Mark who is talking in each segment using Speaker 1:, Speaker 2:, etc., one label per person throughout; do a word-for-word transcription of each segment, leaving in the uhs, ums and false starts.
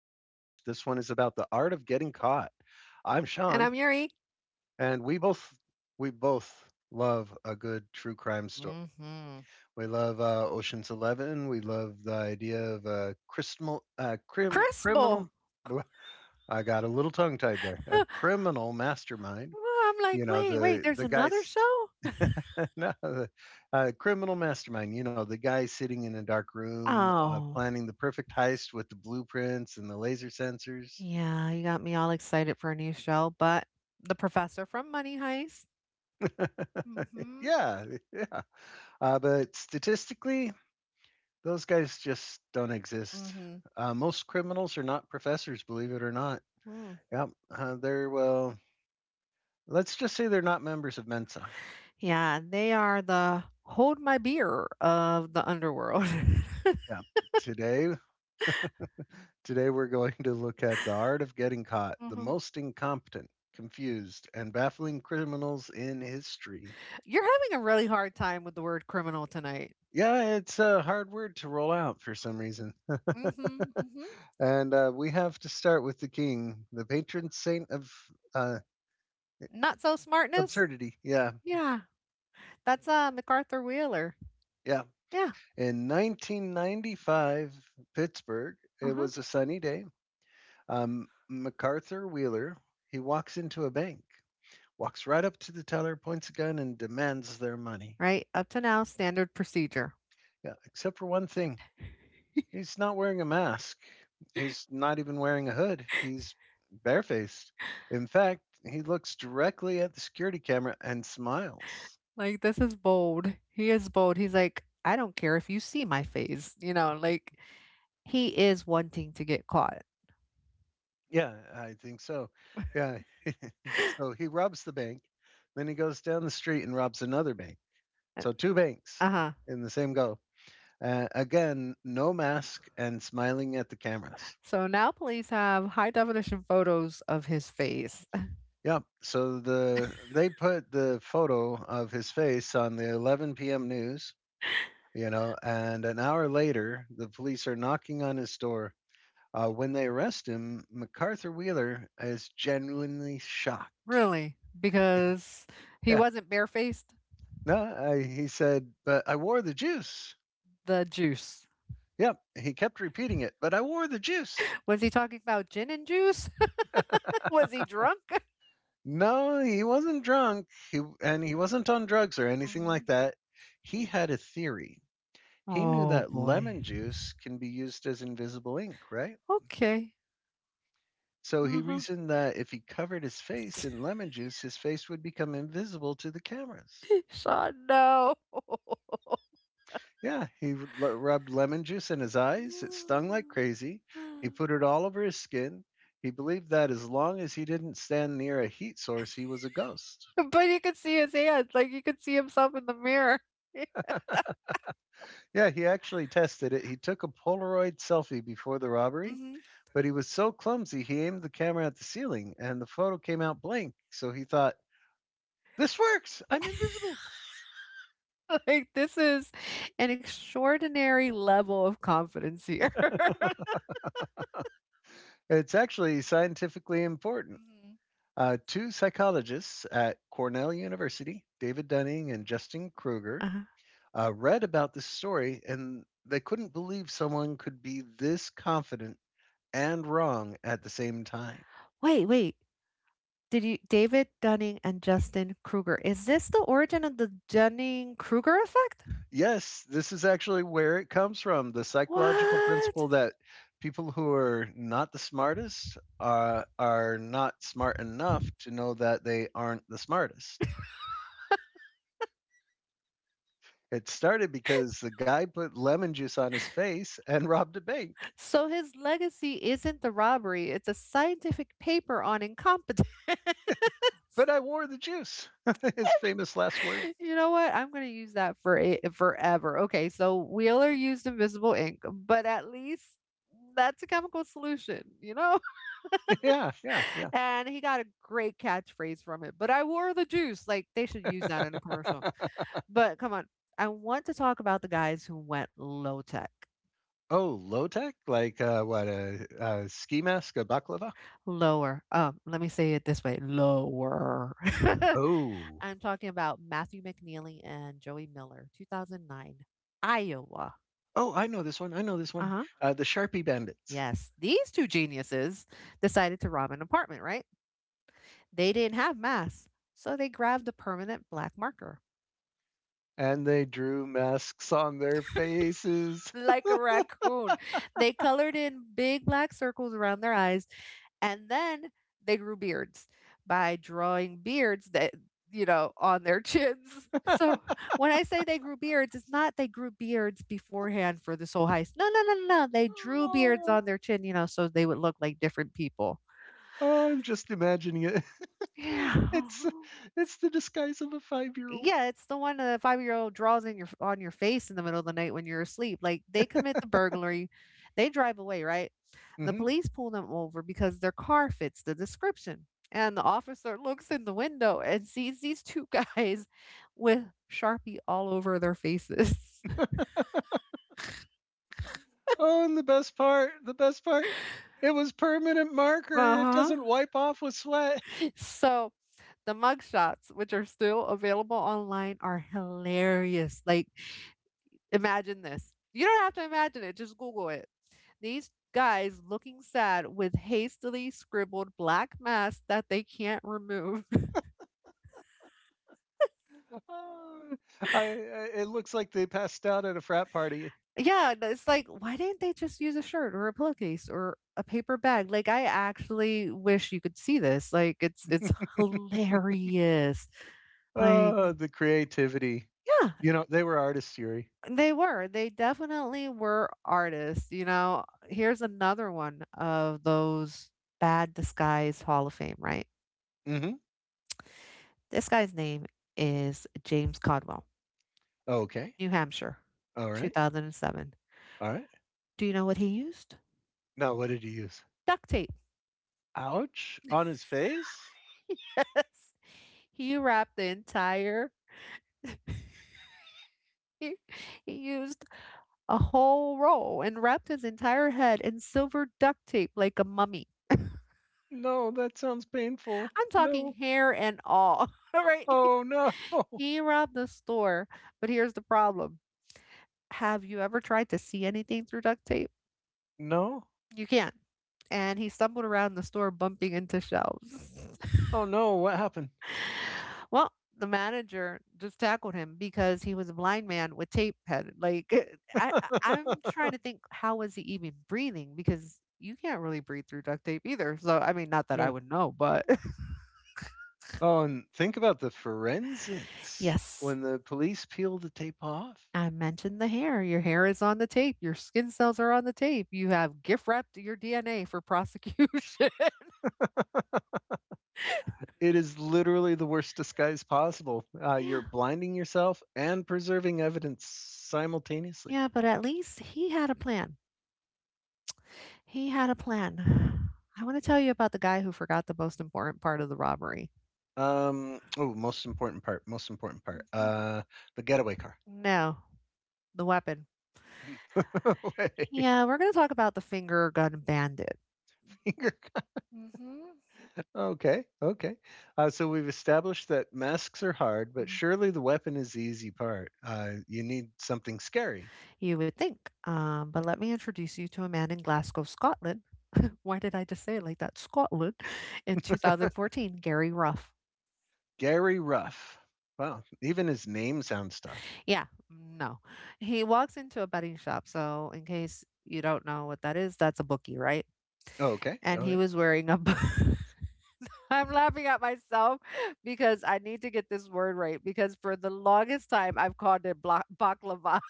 Speaker 1: the art of getting caught. I'm Sean,
Speaker 2: And I'm Yuri.
Speaker 1: and we both we both love a good true crime story.
Speaker 2: Mhm.
Speaker 1: We love uh, Ocean's Eleven. We love the idea of a criminal uh, crim,
Speaker 2: Crispo.
Speaker 1: criminal. blah, I got a little tongue tied there. A criminal mastermind.
Speaker 2: I'm
Speaker 1: You
Speaker 2: like,
Speaker 1: know
Speaker 2: wait, wait,
Speaker 1: the
Speaker 2: there's
Speaker 1: the guy
Speaker 2: another show?
Speaker 1: No, the, uh, criminal mastermind. You know, the guy sitting in a dark room, uh,
Speaker 2: Oh,
Speaker 1: planning the perfect heist with the blueprints and the laser sensors.
Speaker 2: yeah, you got me all excited for a new show, but the professor from Money Heist. Hmm.
Speaker 1: Yeah, yeah. Uh, but statistically, those guys just don't exist.
Speaker 2: Mhm.
Speaker 1: Uh, most criminals are not professors, believe it or not.
Speaker 2: Mhm.
Speaker 1: Yep. Uh, they're, well, let's just say they're not members of Mensa.
Speaker 2: Yeah, they are the hold my beer of the underworld.
Speaker 1: Yeah. Today, Today we're going to look at the art of getting caught, the
Speaker 2: Mhm.
Speaker 1: most incompetent, confused, and baffling criminals in history.
Speaker 2: You're having a really hard time with the word criminal tonight.
Speaker 1: Yeah, it's a hard word to roll out for some reason.
Speaker 2: mm Mhm. mm Mhm.
Speaker 1: and uh, we have to start with the king, the patron saint of uh,
Speaker 2: Not so smartness?
Speaker 1: absurdity. Yeah,
Speaker 2: Yeah, that's uh, MacArthur Wheeler.
Speaker 1: yeah.
Speaker 2: Yeah,
Speaker 1: In nineteen ninety-five, Pittsburgh,
Speaker 2: uh
Speaker 1: it
Speaker 2: huh.
Speaker 1: was a sunny day. Um, MacArthur Wheeler, he walks into a bank, walks right up to the teller, points a gun, and demands their money.
Speaker 2: Right? Up to now, standard procedure.
Speaker 1: Yeah, except for one thing. He's not wearing a mask. He's not even wearing a hood. He's barefaced. In fact, he looks directly at the security camera and smiles.
Speaker 2: Like, this is bold. He is bold. He's like, I don't care if you see my face, you know, like he is wanting to get caught.
Speaker 1: Yeah, I think so. Yeah. So he robs the bank, then he goes down the street and robs another bank. So two banks
Speaker 2: Uh huh.
Speaker 1: in the same go. Uh, again, no mask and smiling at the cameras.
Speaker 2: So now police have high definition photos of his face.
Speaker 1: Yeah. So the they put the photo of his face on the eleven p m news, you know, and an hour later, the police are knocking on his door. Uh, when they arrest him, MacArthur Wheeler is genuinely shocked.
Speaker 2: Really? Because he
Speaker 1: Yeah,
Speaker 2: wasn't barefaced?
Speaker 1: no, I, he said, but I wore the juice.
Speaker 2: The juice.
Speaker 1: Yep, he kept repeating it, but I wore the juice.
Speaker 2: Was he talking about gin and juice? Was he drunk?
Speaker 1: No, he wasn't drunk, he, and he wasn't on drugs or anything like
Speaker 2: Mhm.
Speaker 1: that. He had a theory. He knew
Speaker 2: Oh
Speaker 1: that
Speaker 2: boy.
Speaker 1: lemon juice can be used as invisible ink, right?
Speaker 2: Okay.
Speaker 1: So he
Speaker 2: Uh-huh.
Speaker 1: reasoned that if he covered his face in lemon juice, his face would become invisible to the cameras.
Speaker 2: Sean, no.
Speaker 1: Yeah, he r- l- rubbed lemon juice in his eyes. It stung like crazy. He put it all over his skin. He believed that as long as he didn't stand near a heat source, he was a ghost.
Speaker 2: But you could see his hands, like you could see himself in the mirror.
Speaker 1: Yeah, he actually tested it. He took a Polaroid selfie before the robbery,
Speaker 2: Hmm.
Speaker 1: but he was so clumsy, he aimed the camera at the ceiling and the photo came out blank. So he thought, this works. I'm invisible.
Speaker 2: Like this is an extraordinary level of confidence here.
Speaker 1: It's actually scientifically important.
Speaker 2: Hmm.
Speaker 1: Uh, two psychologists at Cornell University, David Dunning and Justin Kruger,
Speaker 2: Uh,
Speaker 1: uh, read about this story and they couldn't believe someone could be this confident and wrong at the same time.
Speaker 2: wait, wait. Did you David Dunning and Justin Kruger? Is this the origin of the Dunning Kruger effect?
Speaker 1: Yes, this is actually where it comes from, the psychological
Speaker 2: What?
Speaker 1: principle that people who are not the smartest uh, are not smart enough to know that they aren't the smartest. It started because the guy put lemon juice on his face and robbed a bank.
Speaker 2: So his legacy isn't the robbery, it's a scientific paper on incompetence.
Speaker 1: But I wore the juice. His famous last word.
Speaker 2: You know what? I'm gonna use that for it forever. Okay, so Wheeler used invisible ink, but at least that's a chemical solution, you know?
Speaker 1: Yeah, yeah, yeah.
Speaker 2: And he got a great catchphrase from it. But I wore the juice. Like they should use that in a commercial. But come on. I want to talk about the guys who went low tech.
Speaker 1: Oh, low tech, like uh, what a, a ski mask, a baklava.
Speaker 2: Lower. Um, let me say it this way. Lower.
Speaker 1: Oh,
Speaker 2: I'm talking about Matthew McNeely and Joey Miller, twenty oh nine, Iowa.
Speaker 1: oh, I know this one. I know this one.
Speaker 2: Uh-huh.
Speaker 1: Uh, the Sharpie Bandits,
Speaker 2: Yes, these two geniuses decided to rob an apartment, right? They didn't have masks, so they grabbed a permanent black marker.
Speaker 1: and they drew masks on their faces.
Speaker 2: Like a raccoon. They colored in big black circles around their eyes, and then they grew beards by drawing beards that, you know, on their chins. So when I say they grew beards, it's not they grew beards beforehand for this whole heist. No, no, no, no. no. They drew beards
Speaker 1: Oh,
Speaker 2: on their chin, you know, so they would look like different people.
Speaker 1: oh, I'm just imagining it.
Speaker 2: Yeah.
Speaker 1: It's it's the disguise of a five year old.
Speaker 2: Yeah, it's the one the five-year-old draws in your on your face in the middle of the night when you're asleep, like, they commit the burglary, they drive away, right? The
Speaker 1: Hmm.
Speaker 2: police pull them over because their car fits the description, and the officer looks in the window and sees these two guys with Sharpie all over their faces.
Speaker 1: Oh, and the best part, the best part, it was permanent marker. It
Speaker 2: Uh-huh.
Speaker 1: doesn't wipe off with sweat.
Speaker 2: So, the mugshots, which are still available online, are hilarious, like, imagine this. You don't have to imagine it, just Google it. These guys looking sad with hastily scribbled black masks that they can't remove.
Speaker 1: Uh, I, I it looks like they passed out at a frat party.
Speaker 2: Yeah, it's like, why didn't they just use a shirt or a pillowcase or a paper bag? Like I actually wish you could see this. Like it's it's hilarious. Like,
Speaker 1: Oh, the creativity.
Speaker 2: yeah,
Speaker 1: You know, they were artists, Yuri.
Speaker 2: they were. They definitely were artists, you know. Here's another one of those bad disguise Hall of Fame, right?
Speaker 1: Mm-hmm.
Speaker 2: This guy's name is James Codwell,
Speaker 1: Okay.
Speaker 2: New Hampshire,
Speaker 1: All right.
Speaker 2: two thousand seven.
Speaker 1: All right.
Speaker 2: Do you know what he used?
Speaker 1: Now, what did he use?
Speaker 2: Duct tape.
Speaker 1: Ouch. On his face?
Speaker 2: Yes. He wrapped the entire, he, he used a whole roll and wrapped his entire head in silver duct tape like a mummy.
Speaker 1: No, that sounds painful.
Speaker 2: I'm talking
Speaker 1: No.
Speaker 2: hair and all, right?
Speaker 1: Oh, no.
Speaker 2: He robbed the store, but here's the problem. Have you ever tried to see anything through duct tape?
Speaker 1: No.
Speaker 2: You can't. And he stumbled around the store bumping into shelves.
Speaker 1: Oh, no. What happened?
Speaker 2: Well, the manager just tackled him because he was a blind man with tape head. Like I, I- I'm trying to think, how was he even breathing? Because you can't really breathe through duct tape either. So I mean, not that I
Speaker 1: Yeah.
Speaker 2: would know, but
Speaker 1: Oh, and think about the forensics.
Speaker 2: yes,
Speaker 1: When the police peel the tape off,
Speaker 2: I mentioned the hair. Your hair is on the tape. Your skin cells are on the tape. You have gift wrapped your D N A for prosecution.
Speaker 1: it is literally the worst disguise possible. Uh, you're
Speaker 2: Yeah,
Speaker 1: blinding yourself and preserving evidence simultaneously.
Speaker 2: yeah, but at least he had a plan. He had a plan. I want to tell you about the guy who forgot the most important part of the robbery.
Speaker 1: Um, oh, Most important part. Most important part. Uh, the getaway car.
Speaker 2: No, the weapon.
Speaker 1: Wait,
Speaker 2: Yeah, we're going to talk about the finger gun bandit.
Speaker 1: finger gun.
Speaker 2: Mm-hmm.
Speaker 1: Okay, okay. Uh, so we've established that masks are hard, but
Speaker 2: Mhm.
Speaker 1: surely the weapon is the easy part. Uh, you need something scary.
Speaker 2: You would think, um, but let me introduce you to a man in Glasgow, Scotland. Why did I just say it like that? Scotland in two thousand fourteen, Gary Ruff.
Speaker 1: Gary Ruff. Wow, even his name sounds tough.
Speaker 2: Yeah, no. He walks into a betting shop. So, in case you don't know what that is, that's a bookie, right?
Speaker 1: Oh, okay,
Speaker 2: And
Speaker 1: all
Speaker 2: he
Speaker 1: right.
Speaker 2: was wearing a. bu- I'm laughing at myself because I need to get this word right because for the longest time I've called it bla- baklava.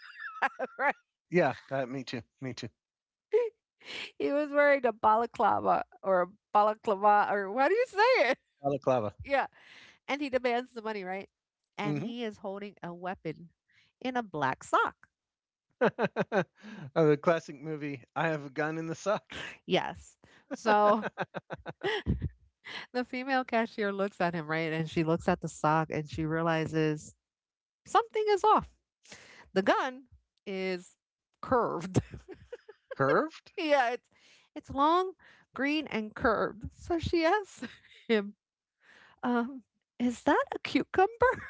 Speaker 2: Right.
Speaker 1: Yeah, uh, me too. Me too.
Speaker 2: He was wearing a balaclava or a balaclava or how do you say it?
Speaker 1: Balaclava.
Speaker 2: Yeah. And he demands the money, right? And
Speaker 1: Hmm.
Speaker 2: he is holding a weapon in a black sock.
Speaker 1: Uh, the classic movie, I Have a Gun in the Sock.
Speaker 2: Yes. So the female cashier looks at him, right? And she looks at the sock and she realizes something is off. The gun is curved.
Speaker 1: Curved?
Speaker 2: Yeah, it's it's long, green, and curved. So she asks him, um, is that a cucumber?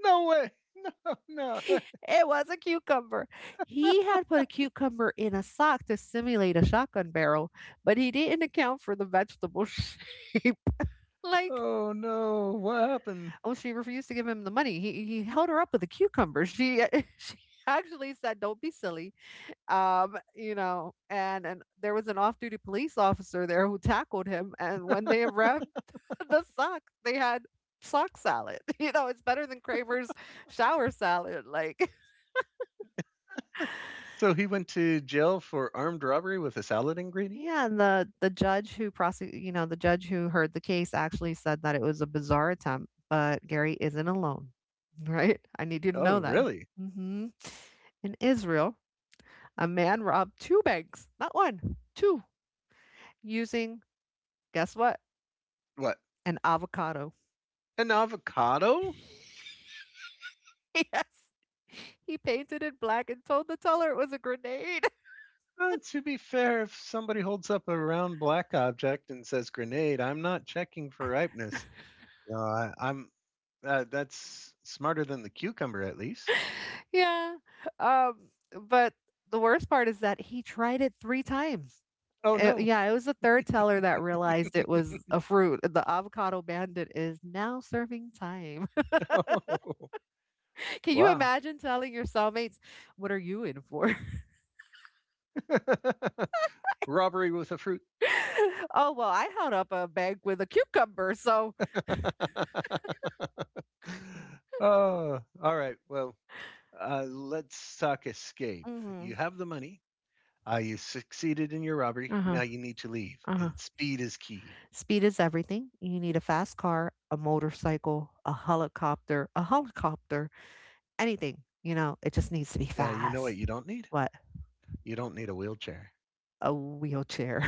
Speaker 1: No way. No, no.
Speaker 2: It was a cucumber. He had put a cucumber in a sock to simulate a shotgun barrel, but he didn't account for the vegetable shape. Like,
Speaker 1: Oh, no. What happened?
Speaker 2: oh, she refused to give him the money. He he held her up with a cucumber. She she actually said, "Don't be silly." Um, you know, and and there was an off-duty police officer there who tackled him, and when they wrapped the sock, they had sock salad. You know, it's better than Kramer's shower salad. Like.
Speaker 1: So he went to jail for armed robbery with a salad ingredient?
Speaker 2: Yeah, and the the judge who prosec you know, the judge who heard the case actually said that it was a bizarre attempt, but Gary isn't alone, right? I need you to
Speaker 1: Oh,
Speaker 2: know that.
Speaker 1: really?
Speaker 2: Hmm. In Israel, a man robbed two banks, not one, two, using, guess what?
Speaker 1: What?
Speaker 2: An avocado.
Speaker 1: An avocado?
Speaker 2: Yes. He painted it black and told the teller it was a grenade.
Speaker 1: Uh, to be fair, if somebody holds up a round black object and says grenade, I'm not checking for ripeness. No, I, I'm. Uh, that's smarter than the cucumber, at least.
Speaker 2: Yeah. Um, but the worst part is that he tried it three times.
Speaker 1: Oh
Speaker 2: Eh,
Speaker 1: no!
Speaker 2: yeah, it was the third teller that realized it was a fruit. The avocado bandit is now serving time. Can you
Speaker 1: Wow.
Speaker 2: imagine telling your cellmates, "What are you in for?"
Speaker 1: Robbery with a fruit.
Speaker 2: "Oh, well, I held up a bag with a cucumber, so."
Speaker 1: Oh, all right. Well, uh, let's talk escape. You
Speaker 2: Mhm.
Speaker 1: have the money. Uh, you succeeded in your robbery.
Speaker 2: Uh-huh,
Speaker 1: Now you need to leave,
Speaker 2: uh-huh.
Speaker 1: and speed is key.
Speaker 2: Speed is everything. You need a fast car, a motorcycle, a helicopter, a helicopter, anything, you know, it just needs to be
Speaker 1: Yeah, you know what
Speaker 2: fast.
Speaker 1: you don't need?
Speaker 2: What?
Speaker 1: You don't need a wheelchair.
Speaker 2: A wheelchair.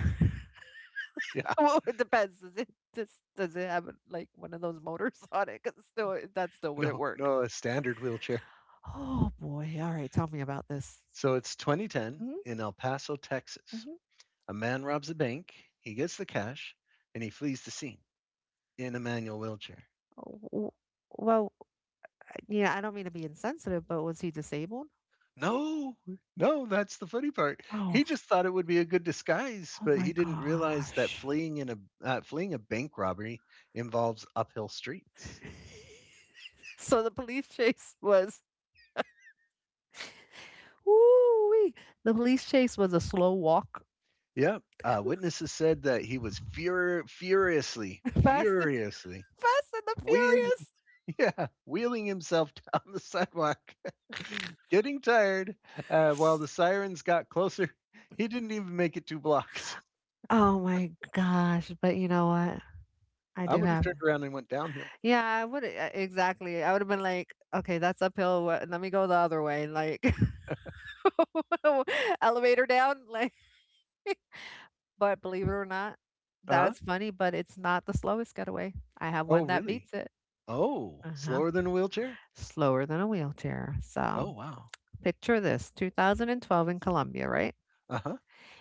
Speaker 1: Yeah,
Speaker 2: Well, it depends. Does it does does it have like one of those motors on it? Because still, that still wouldn't
Speaker 1: no,
Speaker 2: work.
Speaker 1: no, a standard wheelchair.
Speaker 2: Oh boy! All right, tell me about this.
Speaker 1: So it's twenty ten
Speaker 2: Hmm.
Speaker 1: in El Paso, Texas.
Speaker 2: Hmm.
Speaker 1: A man robs a bank. He gets the cash, and he flees the scene in a manual wheelchair.
Speaker 2: Oh, well, yeah, I don't mean to be insensitive, but was he disabled?
Speaker 1: No, no, that's the funny part.
Speaker 2: Oh,
Speaker 1: He just thought it would be a good disguise,
Speaker 2: oh
Speaker 1: but
Speaker 2: my
Speaker 1: he didn't realize that
Speaker 2: gosh!
Speaker 1: fleeing in a uh, fleeing a bank robbery involves uphill streets.
Speaker 2: So the police chase was woo. The police chase was a slow walk,
Speaker 1: Yep. Uh, witnesses said that he was fur- furiously,
Speaker 2: fast, and-
Speaker 1: furiously
Speaker 2: fast and the
Speaker 1: wheel-
Speaker 2: furious.
Speaker 1: yeah, wheeling himself down the sidewalk, getting tired. Uh, while the sirens got closer, he didn't even make it two blocks.
Speaker 2: Oh my gosh! But you know what? I
Speaker 1: I
Speaker 2: do
Speaker 1: would have
Speaker 2: have.
Speaker 1: turned around and went downhill.
Speaker 2: Yeah, I would uh, exactly. I would have been like, okay, that's uphill. Wha- let me go the other way. Like, elevator down. Like, but believe it or not,
Speaker 1: Uh huh.
Speaker 2: that's funny, but it's not the slowest getaway. I have
Speaker 1: Oh,
Speaker 2: one that
Speaker 1: really?
Speaker 2: beats it.
Speaker 1: Oh,
Speaker 2: Uh-huh.
Speaker 1: slower than a wheelchair?
Speaker 2: Slower than a wheelchair. So
Speaker 1: Oh, wow.
Speaker 2: picture this twenty twelve in Colombia, right?
Speaker 1: Uh-huh.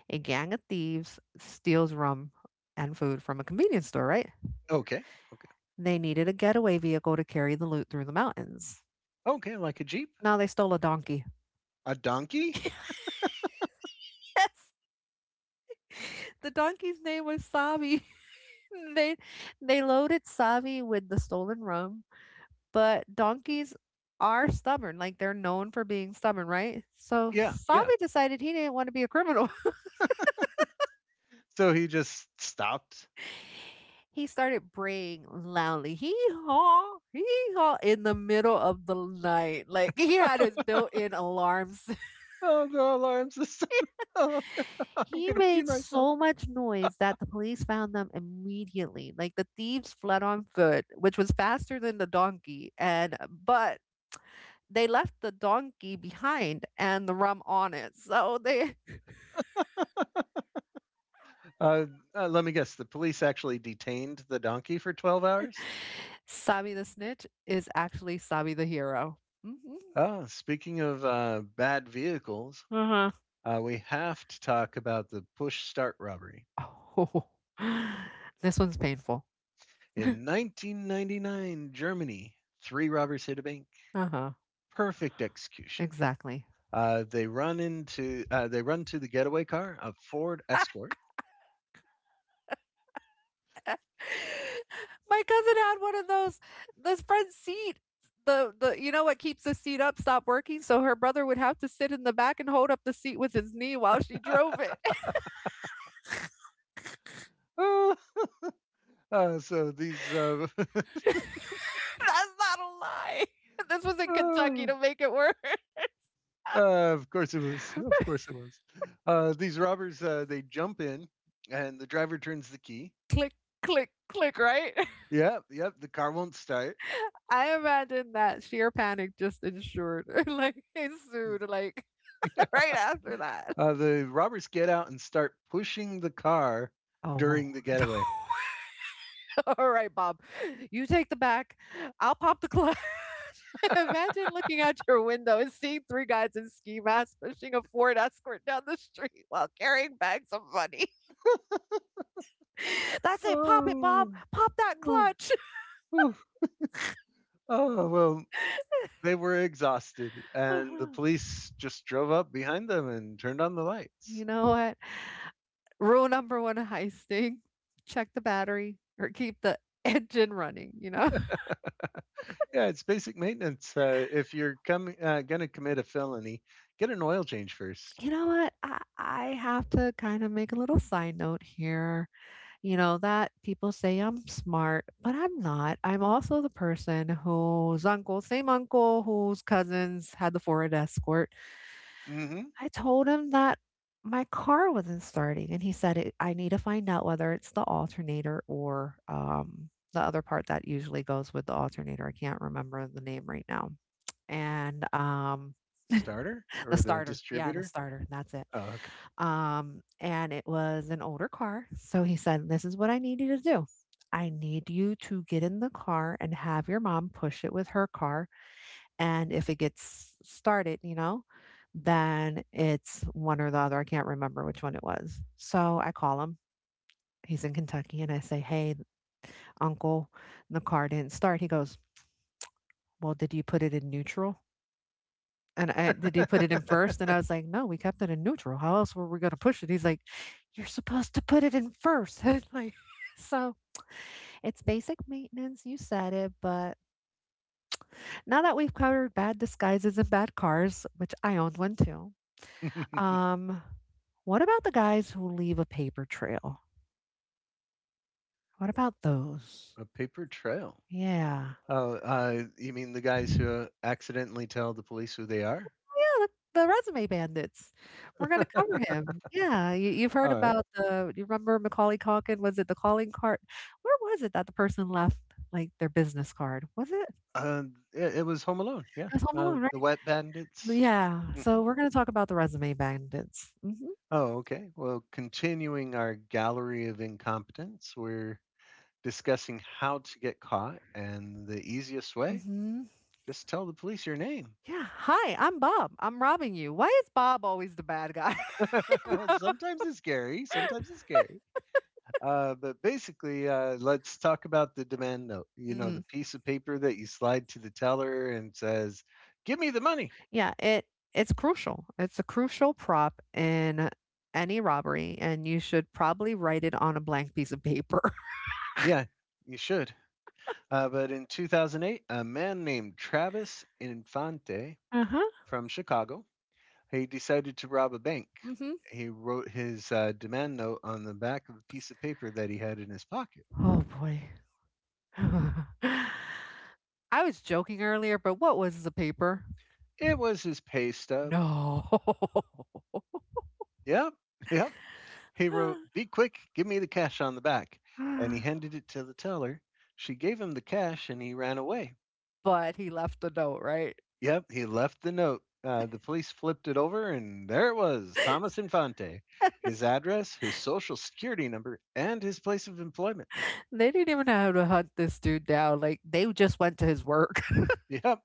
Speaker 2: A gang of thieves steals rum and food from a convenience store, right?
Speaker 1: Okay, okay.
Speaker 2: They needed a getaway vehicle to carry the loot through the mountains.
Speaker 1: Okay, like a Jeep?
Speaker 2: Now they stole a donkey.
Speaker 1: A donkey?
Speaker 2: Yes. The donkey's name was Savi. And They they loaded Savi with the stolen rum, but donkeys are stubborn. Like they're known for being stubborn, right? So
Speaker 1: Yeah, yeah.
Speaker 2: Savi decided he didn't want to be a criminal.
Speaker 1: So he just stopped.
Speaker 2: He started braying loudly. Hee haw, hee haw in the middle of the night. Like he had his built in alarms.
Speaker 1: Oh, the alarm system. Oh, I'm
Speaker 2: He
Speaker 1: gonna pee
Speaker 2: made
Speaker 1: myself.
Speaker 2: so much noise that the police found them immediately. Like the thieves fled on foot, which was faster than the donkey, and but they left the donkey behind and the rum on it. So they
Speaker 1: Uh, uh, Let me guess. The police actually detained the donkey for twelve hours.
Speaker 2: Sabi the snitch is actually Sabi the hero. Hmm.
Speaker 1: Oh, speaking of uh, bad vehicles,
Speaker 2: Uh-huh.
Speaker 1: uh, we have to talk about the push start robbery
Speaker 2: Oh, this one's painful.
Speaker 1: in nineteen ninety-nine, Germany. Three robbers hit a bank.
Speaker 2: Uh-huh.
Speaker 1: Perfect execution.
Speaker 2: Exactly.
Speaker 1: Uh, they run into uh, they run to the getaway car, a Ford Escort.
Speaker 2: My cousin had one of those. This friend's seat, the the you know what keeps the seat up, stopped working, so her brother would have to sit in the back and hold up the seat with his knee while she drove it.
Speaker 1: Ah, uh, so these, uh,
Speaker 2: That's not a lie. This was in Kentucky to make it work.
Speaker 1: uh, of course it was, of course it was. Uh, these robbers, uh, they jump in, and the driver turns the key.
Speaker 2: Click, click, click. Right?
Speaker 1: Yep, yep. The car won't start.
Speaker 2: I imagine that sheer panic just ensured, like ensued, like right after that.
Speaker 1: Uh, the robbers get out and start pushing the car
Speaker 2: Oh.
Speaker 1: during the getaway.
Speaker 2: All right, Bob. You take the back. I'll pop the clutch. Imagine looking out your window and seeing three guys in ski masks pushing a Ford Escort down the street while carrying bags of money. That's it. Pop it, Bob.
Speaker 1: Oh,
Speaker 2: Pop that
Speaker 1: oh,
Speaker 2: clutch.
Speaker 1: oh. Oh well, they were exhausted, and the police just drove up behind them and turned on the lights.
Speaker 2: You know what? Rule number one of heisting, check the battery or keep the engine running, you know?
Speaker 1: Yeah, it's basic maintenance. Uh, if you're coming uh, going to commit a felony, get an oil change first.
Speaker 2: You know what? I, I have to kind of make a little side note here. You know, that people say I'm smart, but I'm not. I'm also the person whose uncle, same uncle whose cousins had the Ford Escort.
Speaker 1: Mm-hmm.
Speaker 2: I told him that my car wasn't starting, and he said, it, I need to find out whether it's the alternator or um, the other part that usually goes with the alternator. I can't remember the name right now. And um,
Speaker 1: Starter
Speaker 2: the
Speaker 1: or the
Speaker 2: starter. Yeah, the
Speaker 1: distributor?
Speaker 2: starter. That's it.
Speaker 1: Oh,
Speaker 2: Um, and it was an older car. So he said, this is what I need you to do. I need you to get in the car and have your mom push it with her car. And if it gets started, you know, then it's one or the other. I can't remember which one it was. So I call him. He's in Kentucky. And I say, hey, uncle, the car didn't start. He goes, well, did you put it in neutral? And I did he put
Speaker 1: okay.
Speaker 2: it in first? And I was like, no, we kept it in neutral. How else were we going to push it? He's like, you're supposed to put it in first. And like, so it's basic maintenance. You said it, but now that we've covered bad disguises and bad cars, which I owned one too. Um, what about the guys who leave a paper trail? What about those?
Speaker 1: A paper trail.
Speaker 2: Yeah.
Speaker 1: Oh, uh, you mean the guys who accidentally tell the police who they are?
Speaker 2: Yeah, the the Resume Bandits. We're gonna cover him. Yeah, you you've heard
Speaker 1: All right.
Speaker 2: about the you remember Macaulay Culkin? Was it The Calling Card? Where was it that the person left, like, their business card? Was it?
Speaker 1: Uh, it, it was Home Alone. Yeah.
Speaker 2: It was Home
Speaker 1: Uh,
Speaker 2: Alone,
Speaker 1: the
Speaker 2: right?
Speaker 1: Wet Bandits.
Speaker 2: Yeah, so
Speaker 1: Mhm.
Speaker 2: we're gonna talk about the Resume Bandits. Mhm,
Speaker 1: Oh, okay. Well, continuing our gallery of incompetence, we're discussing how to get caught and the easiest way.
Speaker 2: mhm.
Speaker 1: Just tell the police your name.
Speaker 2: Yeah, "Hi, I'm Bob. I'm robbing you." Why is Bob always the bad guy?
Speaker 1: Sometimes it's scary. Sometimes it's scary. Uh, but basically, uh, let's talk about the demand note. You know,
Speaker 2: Mhm.
Speaker 1: the piece of paper that you slide to the teller and says, "Give me the money."
Speaker 2: Yeah, it it's crucial. It's a crucial prop in any robbery, and you should probably write it on a blank piece of paper.
Speaker 1: Yeah, you should. Uh, but in two thousand eight, a man named Travis Infante
Speaker 2: Uh-huh.
Speaker 1: from Chicago. He decided to rob a bank.
Speaker 2: Mhm.
Speaker 1: He wrote his uh, demand note on the back of a piece of paper that he had in his pocket.
Speaker 2: Oh boy. I was joking earlier, but what was the paper?
Speaker 1: It was his pay stub.
Speaker 2: No.
Speaker 1: Yep, yep. He wrote, "Be quick, give me the cash," on the back. And he handed it to the teller. She gave him the cash and he ran away.
Speaker 2: But he left the note, right?
Speaker 1: Yep, he left the note. Uh, the police flipped it over and there it was: Thomas Infante, his address, his social security number, and his place of employment.
Speaker 2: They didn't even know how to hunt this dude down. Like they just went to his work.
Speaker 1: Yep.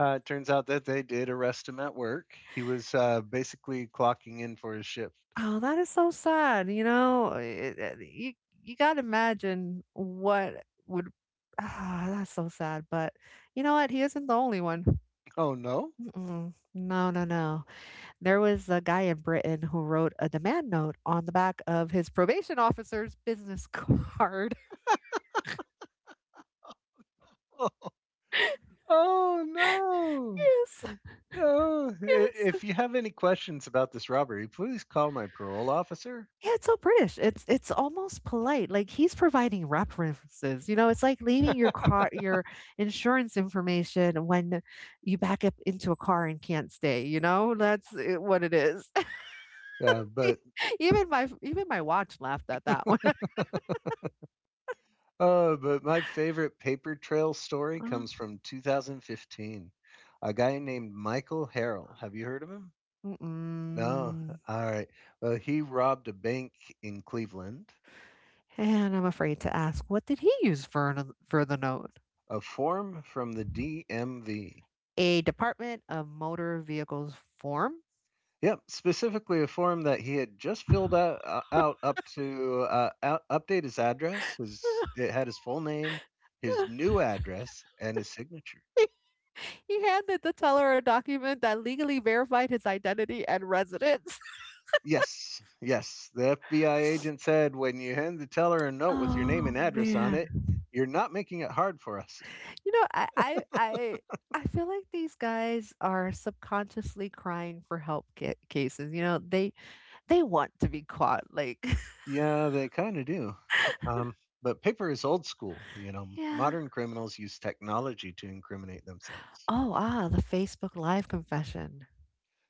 Speaker 1: Uh, it turns out that they did arrest him at work. He was uh, basically clocking in for his shift.
Speaker 2: Oh, that is so sad. You know, It- it- you you gotta imagine what would. Ah, that's so sad. But you know what? He isn't the only one.
Speaker 1: Oh no!
Speaker 2: Mm-mm. No, no, no. There was a guy in Britain who wrote a demand note on the back of his probation officer's business card.
Speaker 1: Oh no!
Speaker 2: Yes,
Speaker 1: No! I-
Speaker 2: yes.
Speaker 1: If you have any questions about this robbery, please call my parole officer.
Speaker 2: Yeah, it's so British. It's it's almost polite. Like he's providing references. You know, it's like leaving your car your insurance information when you back up into a car and can't stay, you know? That's uh, what it is.
Speaker 1: Yeah, but
Speaker 2: even my even my watch laughed at that one.
Speaker 1: uh, but my favorite paper trail story
Speaker 2: Uh,
Speaker 1: comes from twenty fifteen. A guy named Michael Harrell. Have you heard of him? No.
Speaker 2: Mm-mm.
Speaker 1: All right. Well, he robbed a bank in Cleveland.
Speaker 2: And I'm afraid to ask, what did he use for an, for the note?
Speaker 1: A form from the D M V.
Speaker 2: A Department of Motor Vehicles form.
Speaker 1: Yep, specifically a form that he had just filled out, uh, out up to uh, out, update his address. His it had his full name, his new address, and his signature.
Speaker 2: He he handed the teller a document that legally verified his identity and residence.
Speaker 1: Yes, yes. The F B I agent said when you hand the teller a note with your name
Speaker 2: Oh,
Speaker 1: and address on
Speaker 2: man.
Speaker 1: it, you're not making it hard for us.
Speaker 2: You know, I I I I feel like these guys are subconsciously crying for help ca- cases. You know, they they want to be caught. Like,
Speaker 1: Yeah, they kind of do. Um, but paper is old school. You know,
Speaker 2: Yeah.
Speaker 1: modern criminals use technology to incriminate themselves.
Speaker 2: Oh ah, the Facebook Live confession.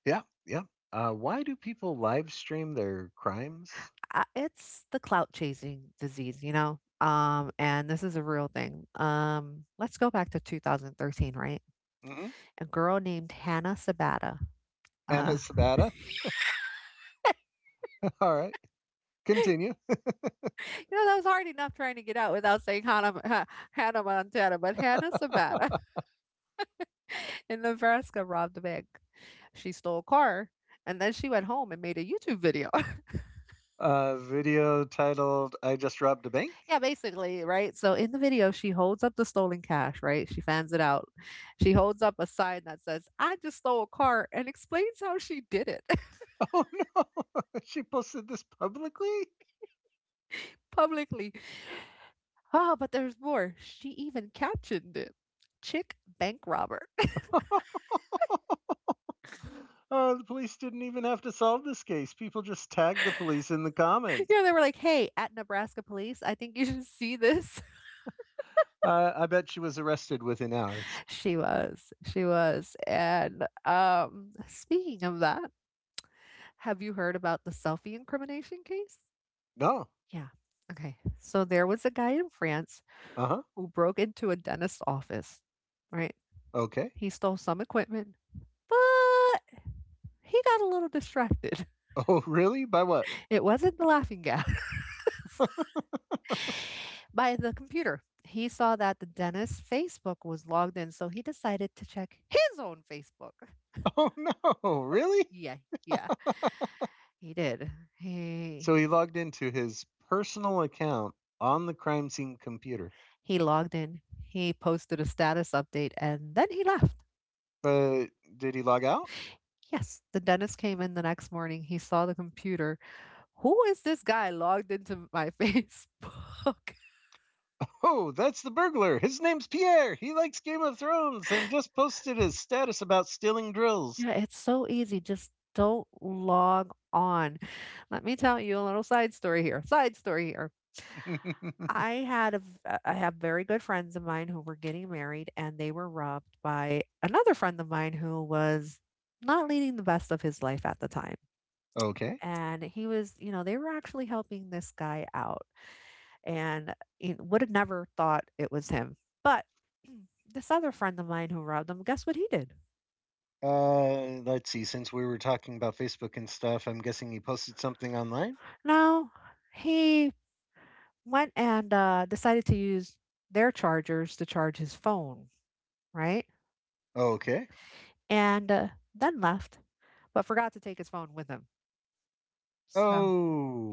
Speaker 1: Yeah, yeah. Uh, why do people live stream their crimes?
Speaker 2: I it's the clout chasing disease, you know? Um, and this is a real thing. Um, let's go back to two thousand thirteen, right?
Speaker 1: Mm-mm.
Speaker 2: A girl named Hannah Sabata. Uh,
Speaker 1: Anna Sabata. All right, continue.
Speaker 2: you know, that was hard enough trying to get out without saying Hannah, Ha- Hannah Montana, but Hannah Sabata in Nebraska robbed a bank. She stole a car and then she went home and made a YouTube video.
Speaker 1: Uh, video titled "I Just Robbed a Bank."
Speaker 2: Yeah, basically, right? So in the video, she holds up the stolen cash, right? She fans it out. She holds up a sign that says, I just stole a car and explains how she did it
Speaker 1: Oh no, she posted this publicly.
Speaker 2: publicly. Oh, but there's more. She even captioned it. Chick bank robber.
Speaker 1: Uh, the police didn't even have to solve this case. People just tagged the police in the comments.
Speaker 2: You know, they were like, hey, at Nebraska police, I think you should see this.
Speaker 1: Uh, I bet she was arrested within hours.
Speaker 2: She was. She was. And um speaking of that, have you heard about the selfie incrimination case?
Speaker 1: No.
Speaker 2: Yeah. Okay. So there was a guy in France
Speaker 1: Uh huh.
Speaker 2: who broke into a dentist's office, right?
Speaker 1: Okay.
Speaker 2: He stole some equipment, but he got a little distracted.
Speaker 1: Oh, really? By what?
Speaker 2: It wasn't the laughing gas by the computer. He saw that the dentist's Facebook was logged in, so he decided to check his own Facebook.
Speaker 1: Oh no, really?
Speaker 2: Yeah, yeah, he did.
Speaker 1: So he
Speaker 2: He
Speaker 1: logged into his personal account on the crime scene computer.
Speaker 2: he logged in, he posted a status update, and then he left.
Speaker 1: But did he log out?
Speaker 2: Yes, the dentist came in the next morning. He saw the computer. Who is this guy logged into my Facebook?
Speaker 1: Oh, that's the burglar. His name's Pierre. He likes Game of Thrones and just posted his status about stealing drills.
Speaker 2: Yeah, it's so easy. Just don't log on. Let me tell you a little side story here. Side story here. I had a, v- uh, I have very good friends of mine who were getting married and they were robbed by another friend of mine who was not leading the best of his life at the time.
Speaker 1: Okay.
Speaker 2: And he was, you know, they were actually helping this guy out and you know, would have never thought it was him. But this other friend of mine who robbed them, guess what he did?
Speaker 1: Uh, let's see. Since we were talking about Facebook and stuff, I'm guessing he posted something online.
Speaker 2: No, he went and uh, decided to use their chargers to charge his phone, right?
Speaker 1: Okay.
Speaker 2: And uh, then left, but forgot to take his phone with him. So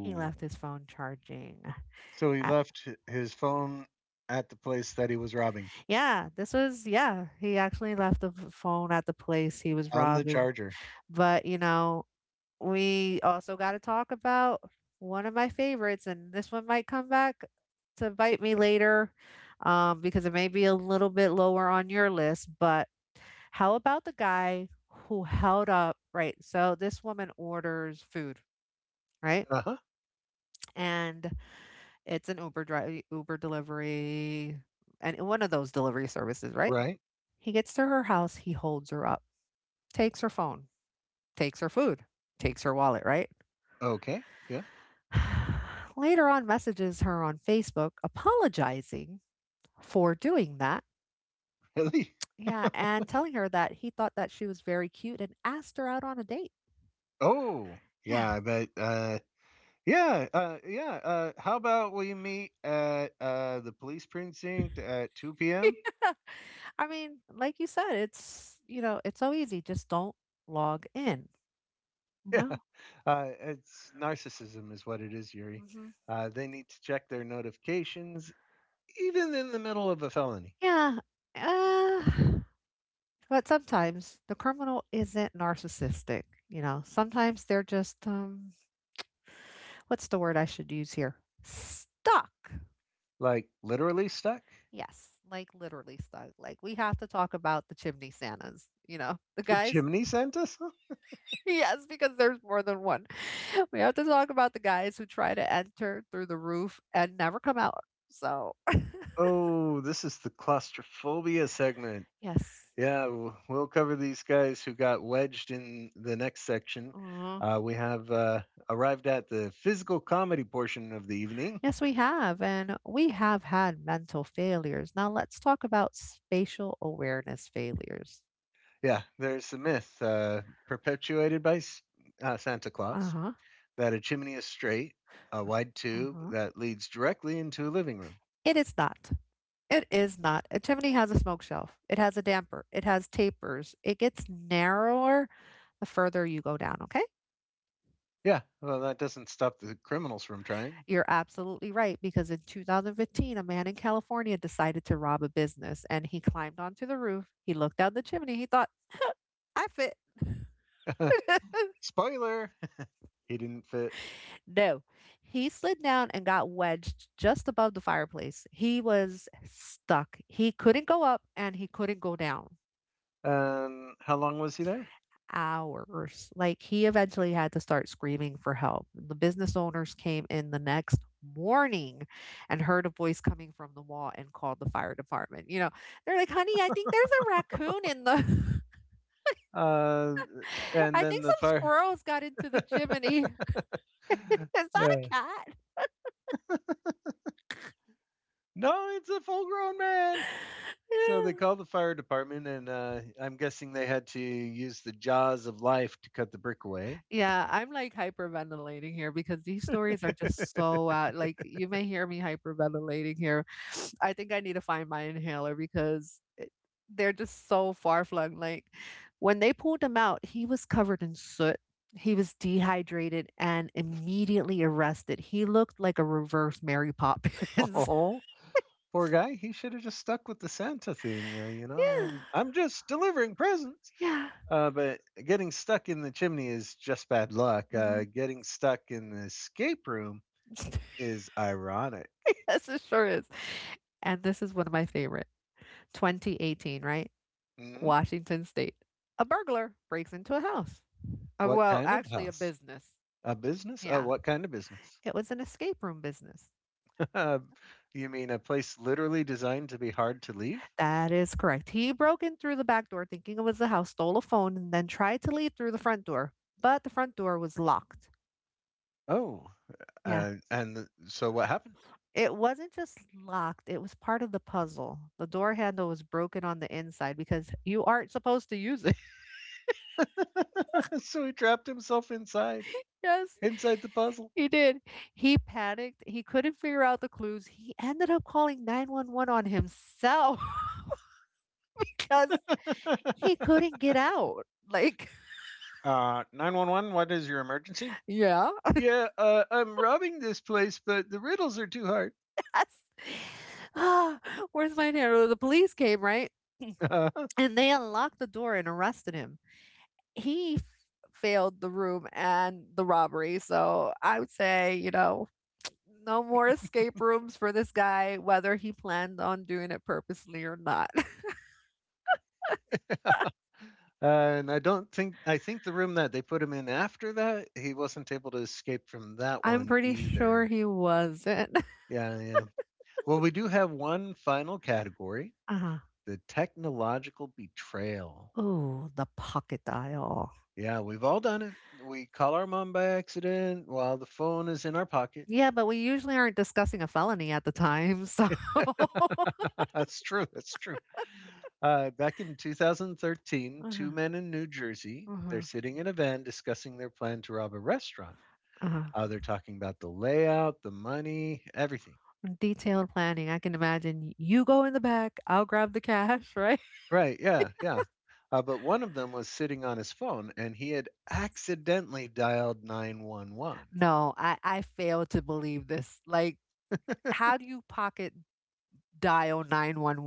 Speaker 2: he left his phone charging.
Speaker 1: so he
Speaker 2: at-
Speaker 1: left his phone at the place that he was robbing
Speaker 2: yeah, this was, yeah, he actually left the f- phone at the place he was
Speaker 1: on the
Speaker 2: robbing.
Speaker 1: charger.
Speaker 2: But, you know, we also got to talk about one of my favorites, and this one might come back to bite me later um, because it may be a little bit lower on your list, but how about the guy who held up, right? So this woman orders food, right?
Speaker 1: Uh huh.
Speaker 2: And it's an Uber drive, Uber delivery, and one of those delivery services, right?
Speaker 1: Right.
Speaker 2: He gets to her house, he holds her up, takes her phone, takes her food, takes her wallet, right?
Speaker 1: Okay. Yeah.
Speaker 2: Later on, messages her on Facebook apologizing for doing that.
Speaker 1: Really?
Speaker 2: Yeah, and telling her that he thought that she was very cute and asked her out on a date.
Speaker 1: Oh,
Speaker 2: Yeah.
Speaker 1: yeah, I bet, uh yeah, uh, yeah, uh, how about we meet at, uh, the police precinct at two p m?
Speaker 2: Yeah. I mean, like you said, it's you know, it's so easy. Just don't log in. You
Speaker 1: Yeah,
Speaker 2: know?
Speaker 1: uh, it's narcissism is what it is, Yuri.
Speaker 2: Hmm.
Speaker 1: Uh, they need to check their notifications even in the middle of a felony.
Speaker 2: Yeah. Uh, but sometimes the criminal isn't narcissistic. You know, sometimes they're just um, what's the word I should use here? Stuck.
Speaker 1: Like, literally stuck?
Speaker 2: Yes, like literally stuck. Like we have to talk about the chimney Santas. You know, the
Speaker 1: The
Speaker 2: guys.
Speaker 1: chimney sent us?
Speaker 2: Yes, because there's more than one. We have to talk about the guys who try to enter through the roof and never come out. So
Speaker 1: Oh, this is the claustrophobia segment.
Speaker 2: yes.
Speaker 1: Yeah, w- we'll cover these guys who got wedged in the next section.
Speaker 2: Aw.
Speaker 1: Uh, we have uh, arrived at the physical comedy portion of the evening.
Speaker 2: Yes, we have, and we have had mental failures. Now let's talk about spatial awareness failures.
Speaker 1: Yeah, there's the myth uh, perpetuated by S- uh, Santa Claus,
Speaker 2: Uh-huh.
Speaker 1: that a chimney is straight, a wide tube
Speaker 2: Uh-huh.
Speaker 1: that leads directly into a living room.
Speaker 2: It is not. It is not. A chimney has a smoke shelf. It has a damper. It has tapers. It gets narrower the further you go down, okay?
Speaker 1: Yeah, well, that doesn't stop the criminals from trying.
Speaker 2: You're absolutely right because in two thousand fifteen, a man in California decided to rob a business and he climbed onto the roof. He looked down the chimney. He thought, I fit.
Speaker 1: Spoiler! He didn't fit.
Speaker 2: No, he slid down and got wedged just above the fireplace. He was stuck. He couldn't go up and he couldn't go down.
Speaker 1: Um, how long was he there?
Speaker 2: Hours. Like he eventually had to start screaming for help. The business owners came in the next morning and heard a voice coming from the wall and called the fire department. You know, they're like, honey, I think there's a raccoon in the.
Speaker 1: Uh, and
Speaker 2: I
Speaker 1: then
Speaker 2: think
Speaker 1: the
Speaker 2: some
Speaker 1: fire.
Speaker 2: squirrels got into the chimney. Is that a
Speaker 1: Yeah.
Speaker 2: cat?
Speaker 1: No, it's a full grown man. So they
Speaker 2: Yeah.
Speaker 1: called the fire department, and uh, I'm guessing they had to use the jaws of life to cut the brick away.
Speaker 2: Yeah, I'm like hyperventilating here because these stories are just so out. Like you may hear me hyperventilating here. I think I need to find my inhaler because it, they're just so far flung. Like when they pulled him out, he was covered in soot. He was dehydrated and immediately arrested. He looked like a reverse Mary Poppins.
Speaker 1: Oh, poor guy. He should have just stuck with the Santa thing, uh, you know.
Speaker 2: Yeah,
Speaker 1: And I'm just delivering presents.
Speaker 2: yeah.
Speaker 1: Uh, but getting stuck in the chimney is just bad luck. Uh,
Speaker 2: Mhm.
Speaker 1: getting stuck in the escape room is ironic.
Speaker 2: Yes, it sure is. And this is one of my favorite. twenty eighteen, right?
Speaker 1: Mhm.
Speaker 2: Washington State. A burglar breaks into a house. Uh,
Speaker 1: What
Speaker 2: well,
Speaker 1: kind of
Speaker 2: actually, a
Speaker 1: house?
Speaker 2: business.
Speaker 1: A business? Oh,
Speaker 2: Yeah,
Speaker 1: what kind of business?
Speaker 2: it was an escape room business.
Speaker 1: Uh, you mean a place literally designed to be hard to leave?
Speaker 2: That is correct. He broke in through the back door thinking it was the house, stole a phone, and then tried to leave through the front door. But the front door was locked.
Speaker 1: Oh,
Speaker 2: Yeah.
Speaker 1: uh, and so what happened?
Speaker 2: It wasn't just locked, it was part of the puzzle. The door handle was broken on the inside because you aren't supposed to use it.
Speaker 1: So he trapped himself inside,
Speaker 2: Yes,
Speaker 1: inside the puzzle.
Speaker 2: he did. He panicked. He couldn't figure out the clues. He ended up calling nine one one on himself. Because he
Speaker 1: uh,
Speaker 2: couldn't get out. Like,
Speaker 1: nine one one, what is your emergency?
Speaker 2: yeah.
Speaker 1: Yeah, uh, I'm robbing this place, but the riddles are too hard.
Speaker 2: That's, ah, where's my hair? Well, the police came, right? And they unlocked the door and arrested him. He f- failed the room and the robbery. So I would say, you know, no more escape rooms for this guy, whether he planned on doing it purposely or not.
Speaker 1: Uh, and I don't think, I think the room that they put him in after that, he wasn't able to escape from that
Speaker 2: I'm
Speaker 1: one
Speaker 2: pretty sure
Speaker 1: either.
Speaker 2: he wasn't.
Speaker 1: Yeah, yeah. Well, we do have one final category.
Speaker 2: Uh,
Speaker 1: The technological betrayal.
Speaker 2: oh, the pocket dial.
Speaker 1: Yeah, we've all done it. We call our mom by accident while the phone is in our pocket.
Speaker 2: Yeah, but we usually aren't discussing a felony at the time, so
Speaker 1: That's true. That's true. Uh, back in twenty thirteen, two
Speaker 2: Uh-huh,
Speaker 1: men in New Jersey, they're
Speaker 2: uh-huh,
Speaker 1: sitting in a van discussing their plan to rob a restaurant.
Speaker 2: uh-huh.
Speaker 1: Uh, they're talking about the layout, the money, everything.
Speaker 2: Detailed planning, I can imagine you go in the back, I'll grab the cash, right?
Speaker 1: Right. Yeah. Yeah. Uh, but one of them was sitting on his phone and he had accidentally dialed nine one one.
Speaker 2: No, I I fail to believe this, like, how do you pocket dial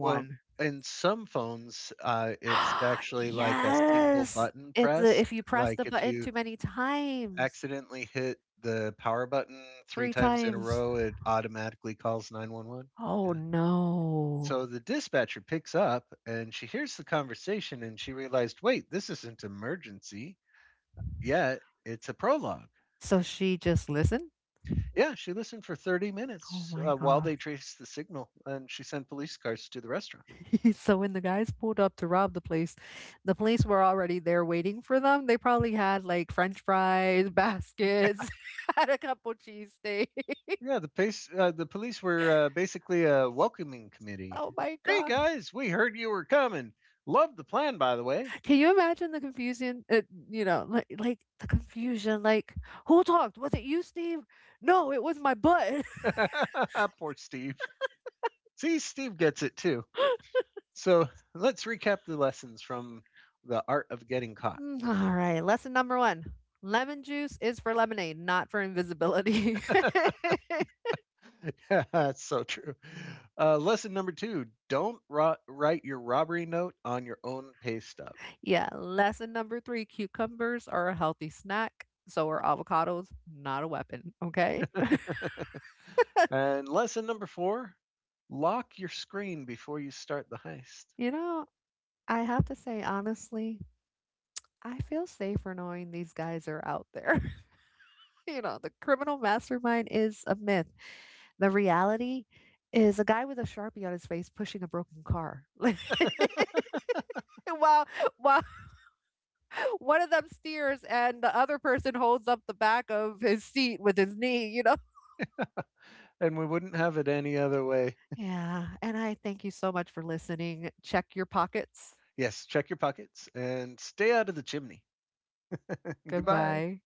Speaker 1: Well, in some phones, uh, it's actually like a single
Speaker 2: Yes!
Speaker 1: button
Speaker 2: It's a
Speaker 1: press.
Speaker 2: if you press the
Speaker 1: Like if
Speaker 2: button
Speaker 1: you
Speaker 2: too many times,
Speaker 1: accidentally hit the power button three
Speaker 2: three
Speaker 1: times in a
Speaker 2: times.
Speaker 1: row, it automatically calls nine one one.
Speaker 2: Oh,
Speaker 1: Yeah.
Speaker 2: no.
Speaker 1: So the dispatcher picks up and she hears the conversation and she realized, wait, this isn't emergency. Yeah, it's a prologue.
Speaker 2: So she just listened?
Speaker 1: Yeah, she listened for thirty
Speaker 2: Oh
Speaker 1: minutes
Speaker 2: my
Speaker 1: uh, while
Speaker 2: god.
Speaker 1: they traced the signal and she sent police cars to the restaurant.
Speaker 2: So when the guys pulled up to rob the place, the police were already there waiting for them. They probably had like French fries, baskets, had a couple cheesesteak.
Speaker 1: Yeah, the pace, uh, the police were uh, basically a welcoming committee.
Speaker 2: Oh my
Speaker 1: Hey
Speaker 2: god.
Speaker 1: guys, we heard you were coming. Love the plan, by the way.
Speaker 2: Can you imagine the confusion? Uh, you know, like like the confusion. Like who talked? Was it you, Steve? No, it was my butt.
Speaker 1: Poor Steve. See, Steve gets it too. So let's recap the lessons from the art of getting caught.
Speaker 2: Mm, all right. Lesson number one: lemon juice is for lemonade, not for invisibility.
Speaker 1: That's so true. Uh, lesson number two: don't ro- write your robbery note on your own pay stub.
Speaker 2: Yeah, lesson number three cucumbers are a healthy snack. So are avocados, not a weapon. Okay.
Speaker 1: And lesson number four: lock your screen before you start the heist.
Speaker 2: You know, I have to say, honestly, I feel safer knowing these guys are out there. You know, the criminal mastermind is a myth. The reality is a guy with a sharpie on his face pushing a broken car. Like, while, while one of them steers and the other person holds up the back of his seat with his knee, you know?
Speaker 1: And we wouldn't have it any other way.
Speaker 2: Yeah. And I thank you so much for listening. Check your pockets.
Speaker 1: Yes, check your pockets and stay out of the chimney. Goodbye.
Speaker 2: Goodbye.